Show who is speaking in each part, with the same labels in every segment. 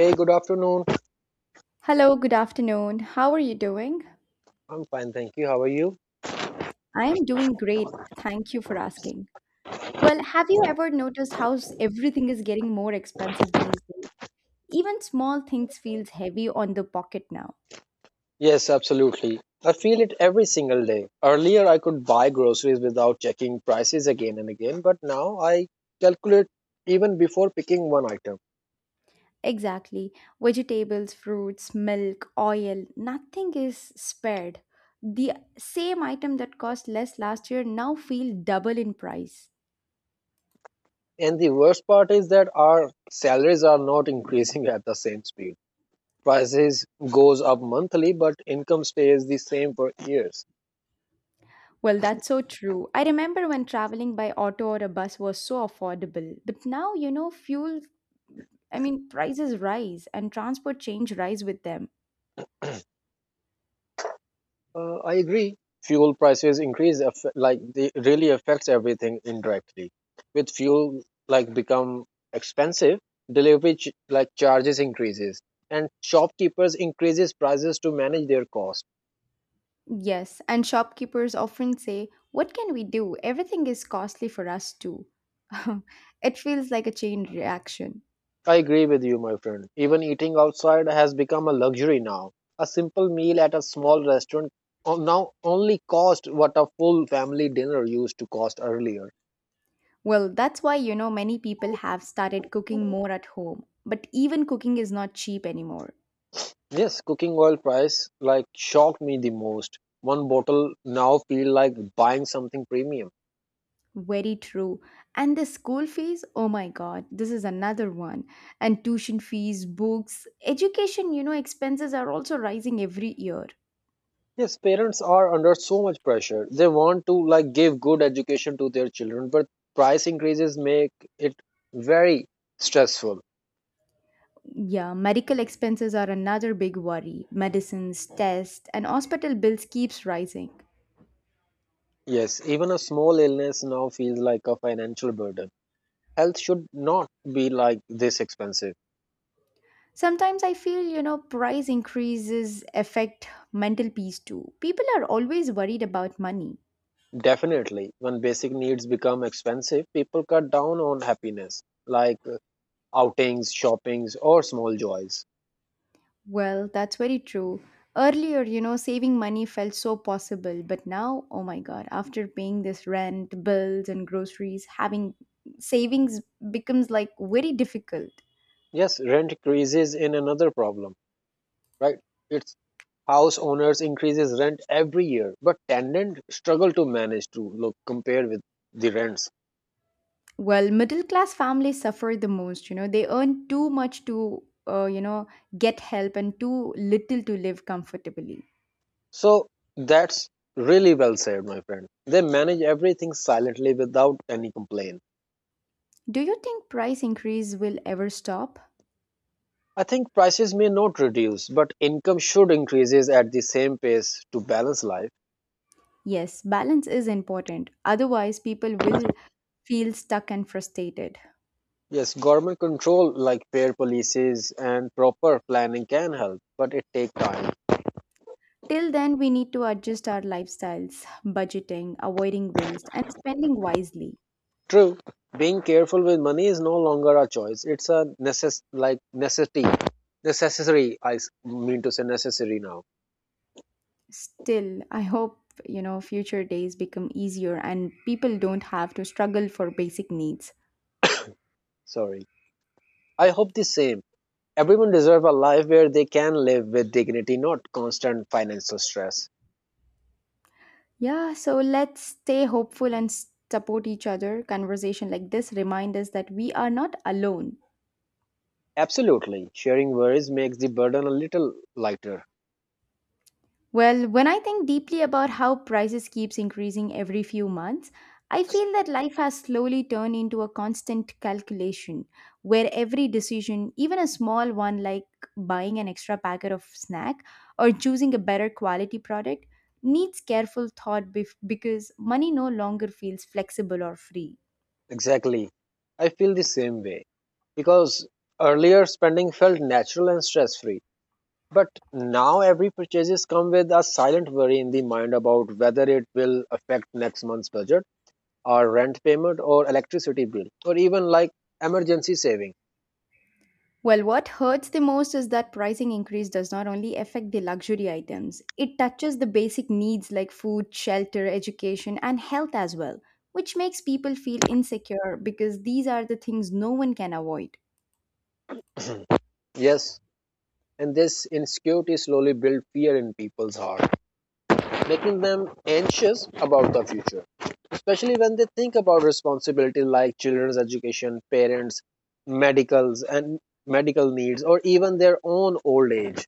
Speaker 1: Hey, good afternoon.
Speaker 2: Hello, good afternoon. How are you doing?
Speaker 1: I'm fine, thank you. How are you?
Speaker 2: I am doing great. Thank you for asking. Well, have you ever noticed how everything is getting more expensive these days? Even small things feels heavy on the pocket now.
Speaker 1: Yes, absolutely. I feel it every single day. Earlier, I could buy groceries without checking prices again and again, but now I calculate even before picking one item.
Speaker 2: Exactly. Vegetables, fruits, milk, oil, nothing is spared. The same item that cost less last year now feel double in price.
Speaker 1: And the worst part is that our salaries are not increasing at the same speed. Prices goes up monthly, but income stays the same for years.
Speaker 2: Well, that's so true. I remember when traveling by auto or a bus was so affordable, but now, fuel prices rise and transport change rise with them.
Speaker 1: I agree. Fuel prices like they really affects everything indirectly. With fuel like become expensive, like charges increases, and shopkeepers increases prices to manage their cost.
Speaker 2: Yes, and shopkeepers often say, "What can we do? Everything is costly for us too." It feels like a chain reaction.
Speaker 1: I agree with you, my friend. Even eating outside has become a luxury now. A simple meal at a small restaurant now only cost what a full family dinner used to cost earlier.
Speaker 2: Well, that's why, many people have started cooking more at home. But even cooking is not cheap anymore.
Speaker 1: Yes, cooking oil price like shocked me the most. One bottle now feel like buying something premium.
Speaker 2: Very true. And the school fees, oh my god, this is another one. And tuition fees, books, education, expenses are also rising every year.
Speaker 1: Yes, parents are under so much pressure. They want to like give good education to their children, but price increases make it very stressful.
Speaker 2: Yeah, medical expenses are another big worry. Medicines, tests, and hospital bills keeps rising.
Speaker 1: Yes, even a small illness now feels like a financial burden. Health should not be like this expensive.
Speaker 2: Sometimes I feel, price increases affect mental peace too. People are always worried about money.
Speaker 1: Definitely, when basic needs become expensive, people cut down on happiness like outings, shoppings, or small joys.
Speaker 2: Well, that's very true. Earlier, saving money felt so possible, but now, oh my god, after paying this rent, bills and groceries, having savings becomes like very difficult.
Speaker 1: Yes, rent increases in another problem, right? It's house owners increases rent every year, but tenant struggle to manage to look compare with the rents.
Speaker 2: Well, middle class families suffer the most. You know, they earn too much to, get help and too little to live comfortably.
Speaker 1: So that's really well said, my friend. They manage everything silently without any complaint.
Speaker 2: Do you think price increase will ever stop?
Speaker 1: I think prices may not reduce, but income should increases at the same pace to balance life.
Speaker 2: Yes, balance is important. Otherwise, people will feel stuck and frustrated.
Speaker 1: Yes, government control like fair policies and proper planning can help, but it takes time.
Speaker 2: Till then, we need to adjust our lifestyles, budgeting, avoiding waste, and spending wisely.
Speaker 1: True, being careful with money is no longer a choice. It's a like necessity. Necessary, I mean to say necessary now.
Speaker 2: Still, I hope future days become easier and people don't have to struggle for basic needs.
Speaker 1: Sorry. I hope the same. Everyone deserves a life where they can live with dignity, not constant financial stress.
Speaker 2: Yeah, so let's stay hopeful and support each other. Conversation like this remind us that we are not alone.
Speaker 1: Absolutely. Sharing worries makes the burden a little lighter.
Speaker 2: Well, when I think deeply about how prices keeps increasing every few months, I feel that life has slowly turned into a constant calculation where every decision, even a small one like buying an extra packet of snack or choosing a better quality product, needs careful thought because money no longer feels flexible or free.
Speaker 1: Exactly. I feel the same way. Because earlier spending felt natural and stress free. But now every purchases come with a silent worry in the mind about whether it will affect next month's budget or rent payment or electricity bill or even like emergency saving.
Speaker 2: Well, what hurts the most is that pricing increase does not only affect the luxury items, it touches the basic needs like food, shelter, education, and health as well, which makes people feel insecure because these are the things no one can avoid.
Speaker 1: Yes, and this insecurity slowly builds fear in people's heart, making them anxious about the future, especially when they think about responsibility like children's education, parents, medicals and medical needs or even their own old age.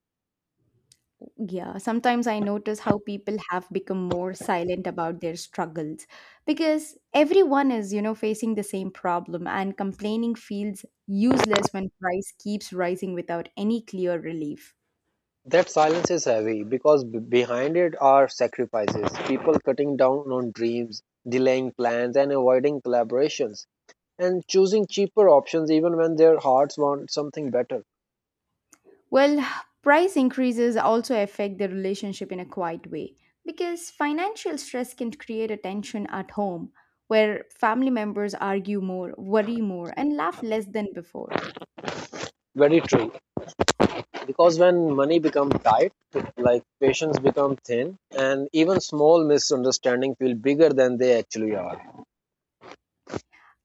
Speaker 2: Yeah, sometimes I notice how people have become more silent about their struggles because everyone is, facing the same problem and complaining feels useless when price keeps rising without any clear relief.
Speaker 1: That silence is heavy because behind it are sacrifices, people cutting down on dreams, delaying plans, and avoiding collaborations, and choosing cheaper options even when their hearts want something better.
Speaker 2: Well, price increases also affect the relationship in a quiet way because financial stress can create a tension at home where family members argue more, worry more, and laugh less than before.
Speaker 1: Very true. Because when money becomes tight, like patience become thin, and even small misunderstandings feel bigger than they actually are.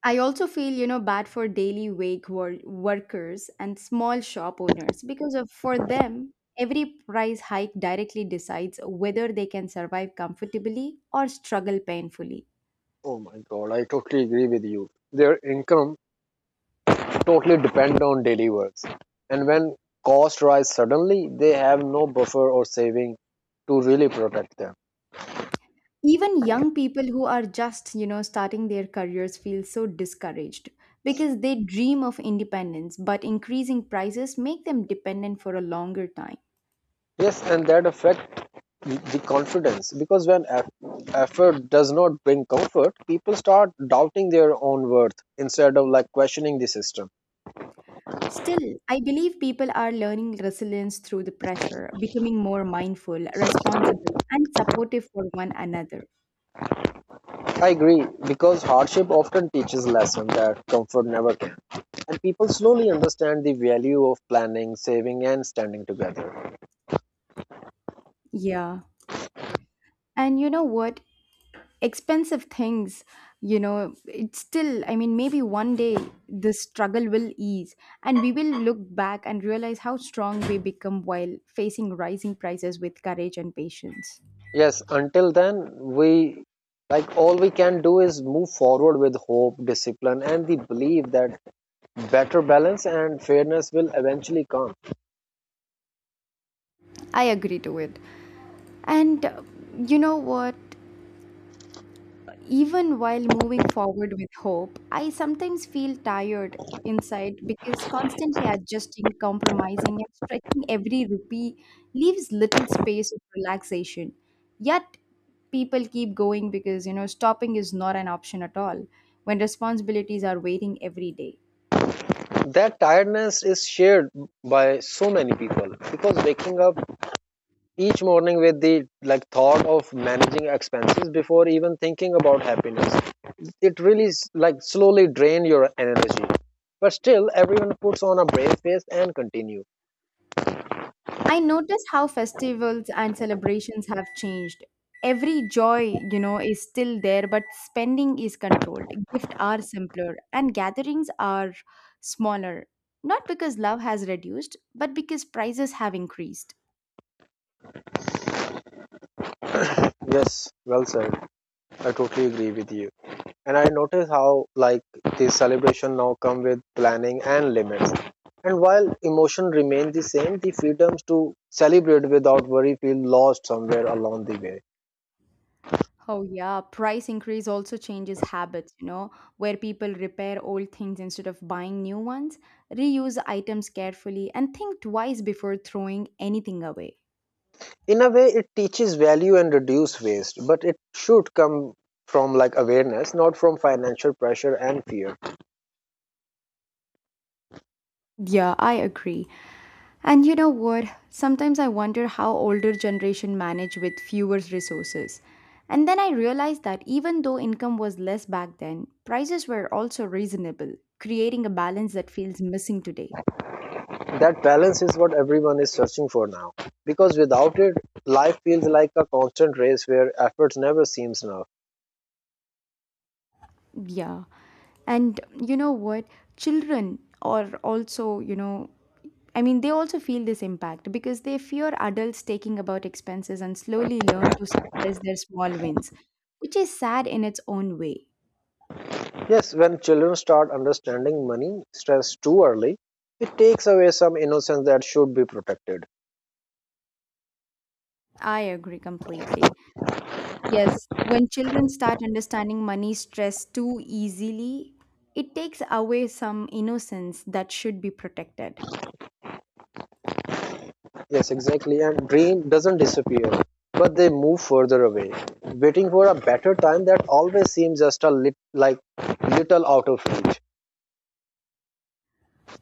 Speaker 2: I also feel, bad for daily wage workers and small shop owners because of, for them, every price hike directly decides whether they can survive comfortably or struggle painfully.
Speaker 1: Oh my god, I totally agree with you. Their income totally depend on daily works. And when costs rise suddenly, they have no buffer or saving to really protect them.
Speaker 2: Even young people who are just starting their careers feel so discouraged because they dream of independence but increasing prices make them dependent for a longer time.
Speaker 1: Yes, and that affect the confidence because effort does not bring comfort, people start doubting their own worth instead of like questioning the system.
Speaker 2: Still, I believe people are learning resilience through the pressure, becoming more mindful, responsible, and supportive for one another.
Speaker 1: I agree because hardship often teaches lesson that comfort never can, and people slowly understand the value of planning, saving, and standing together.
Speaker 2: Yeah, and you know what? Expensive things, you know. It's still, maybe one day this struggle will ease, and we will look back and realize how strong we become while facing rising prices with courage and patience.
Speaker 1: Yes, until then, we like all we can do is move forward with hope, discipline, and the belief that better balance and fairness will eventually come.
Speaker 2: I agree to it. And you know what? Even while moving forward with hope, I sometimes feel tired inside because constantly adjusting, compromising, and stretching every rupee leaves little space of relaxation. Yet, people keep going because, stopping is not an option at all when responsibilities are waiting every day.
Speaker 1: That tiredness is shared by so many people because waking up each morning with the like thought of managing expenses before even thinking about happiness, it really like slowly drain your energy. But still, everyone puts on a brave face and continue.
Speaker 2: I notice how festivals and celebrations have changed. Every joy, is still there, but spending is controlled. Gifts are simpler, and gatherings are smaller. Not because love has reduced, but because prices have increased.
Speaker 1: Yes, well said. I totally agree with you. And I notice how like the celebration now come with planning and limits, and while emotion remain the same, the freedoms to celebrate without worry feel lost somewhere along the way.
Speaker 2: Oh, yeah, price increase also changes habits, where people repair old things instead of buying new ones, reuse items carefully, and think twice before throwing anything away.
Speaker 1: In a way it teaches value and reduce waste, but it should come from like awareness, not from financial pressure and fear.
Speaker 2: Yeah, I agree. And you know what? Sometimes I wonder how older generation manage with fewer resources. And then I realized that even though income was less back then, prices were also reasonable, creating a balance that feels missing today.
Speaker 1: That balance is what everyone is searching for now, because without it life feels like a constant race where efforts never seems enough.
Speaker 2: Yeah. And you know what? Children are also, they also feel this impact because they fear adults taking about expenses and slowly learn to suppress their small wins, which is sad in its own way.
Speaker 1: Yes, when children start understanding money stress too early, it takes away some innocence that should be protected.
Speaker 2: I agree completely. Yes, when children start understanding money stress too easily, it takes away some innocence that should be protected.
Speaker 1: Yes, exactly. And dream doesn't disappear, but they move further away, waiting for a better time that always seems just a like little out of reach.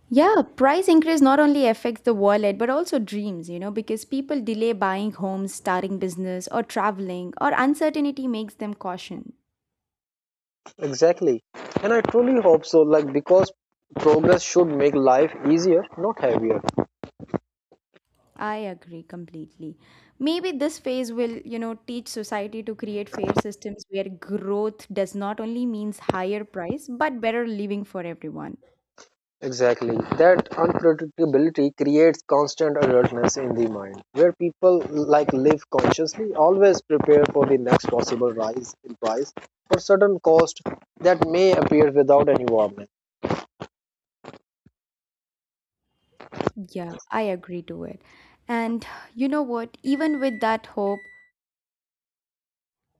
Speaker 2: Yeah, price increase not only affects the wallet but also dreams, because people delay buying homes, starting business, or traveling, or uncertainty makes them caution.
Speaker 1: Exactly. And I truly hope so, like because progress should make life easier, not heavier.
Speaker 2: I agree completely. Maybe this phase will, teach society to create fair systems where growth does not only means higher price but better living for everyone.
Speaker 1: Exactly. That unpredictability creates constant alertness in the mind, where people like live consciously, always prepare for the next possible rise in price or sudden cost that may appear without any warning.
Speaker 2: Yeah, I agree to it. And you know what?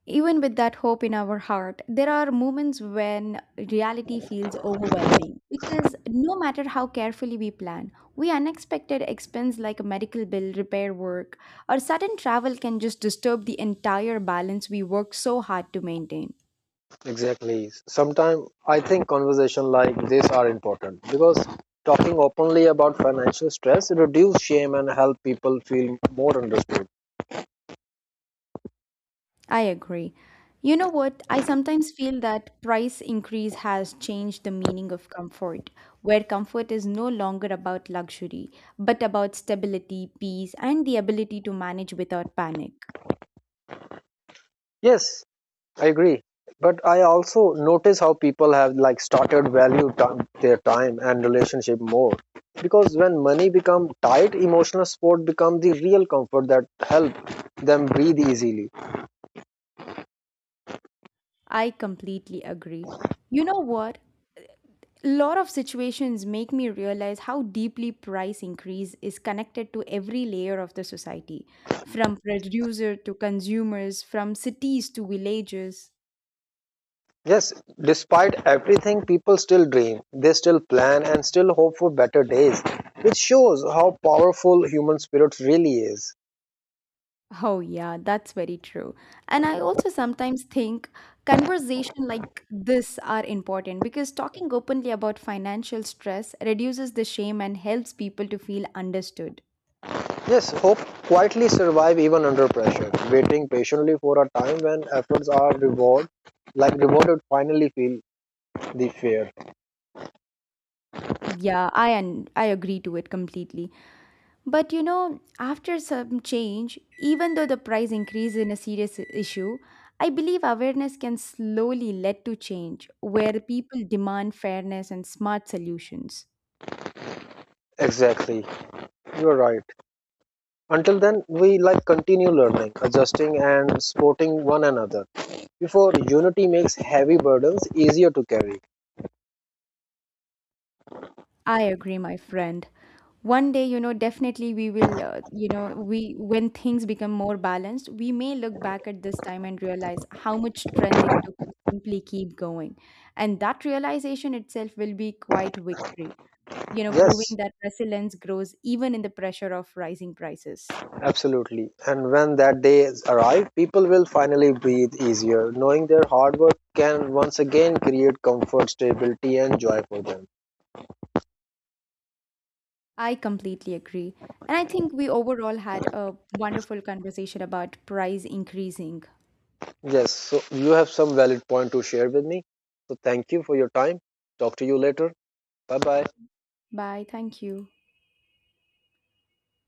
Speaker 2: Even with that hope in our heart, there are moments when reality feels overwhelming because no matter how carefully we plan, we unexpected expense like a medical bill, repair work, or sudden travel can just disturb the entire balance we work so hard to maintain.
Speaker 1: Exactly. Sometimes I think conversation like this are important because talking openly about financial stress reduce shame and help people feel more understood.
Speaker 2: I agree. You know what? I sometimes feel that price increase has changed the meaning of comfort, where comfort is no longer about luxury, but about stability, peace, and the ability to manage without panic.
Speaker 1: Yes, I agree. But I also notice how people have like started value time, their time and relationship more. Because when money become tight, emotional support become the real comfort that help them breathe easily.
Speaker 2: I completely agree. You know what? A lot of situations make me realize how deeply price increase is connected to every layer of the society, from producer to consumers, from cities to villages.
Speaker 1: Yes, despite everything, people still dream. They still plan and still hope for better days, which shows how powerful human spirit really is.
Speaker 2: Oh, yeah, that's very true. And I also sometimes think conversation like this are important because talking openly about financial stress reduces the shame and helps people to feel understood.
Speaker 1: Yes, hope quietly survive even under pressure, waiting patiently for a time when efforts are rewarded, like rewarded finally feel the fear.
Speaker 2: I agree to it completely. But you know, after some change, even though the price increase in a serious issue, I believe awareness can slowly lead to change where people demand fairness and smart solutions.
Speaker 1: Exactly. You're right. Until then we like continue learning, adjusting and supporting one another. Before unity makes heavy burdens easier to carry.
Speaker 2: I agree, my friend. One day, definitely we will, you know, we when things become more balanced, we may look back at this time and realize how much strength it took to simply keep going. And that realization itself will be quite victory, proving
Speaker 1: Yes,
Speaker 2: that resilience grows even in the pressure of rising prices.
Speaker 1: absolutely. And when that day arrives, people will finally breathe easier, knowing their hard work can once again create comfort, stability and joy for them.
Speaker 2: I completely agree. And I think we overall had a wonderful conversation about price increasing.
Speaker 1: Yes, so you have some valid point to share with me. So thank you for your time. Talk to you later. Bye bye.
Speaker 2: Bye. Thank you.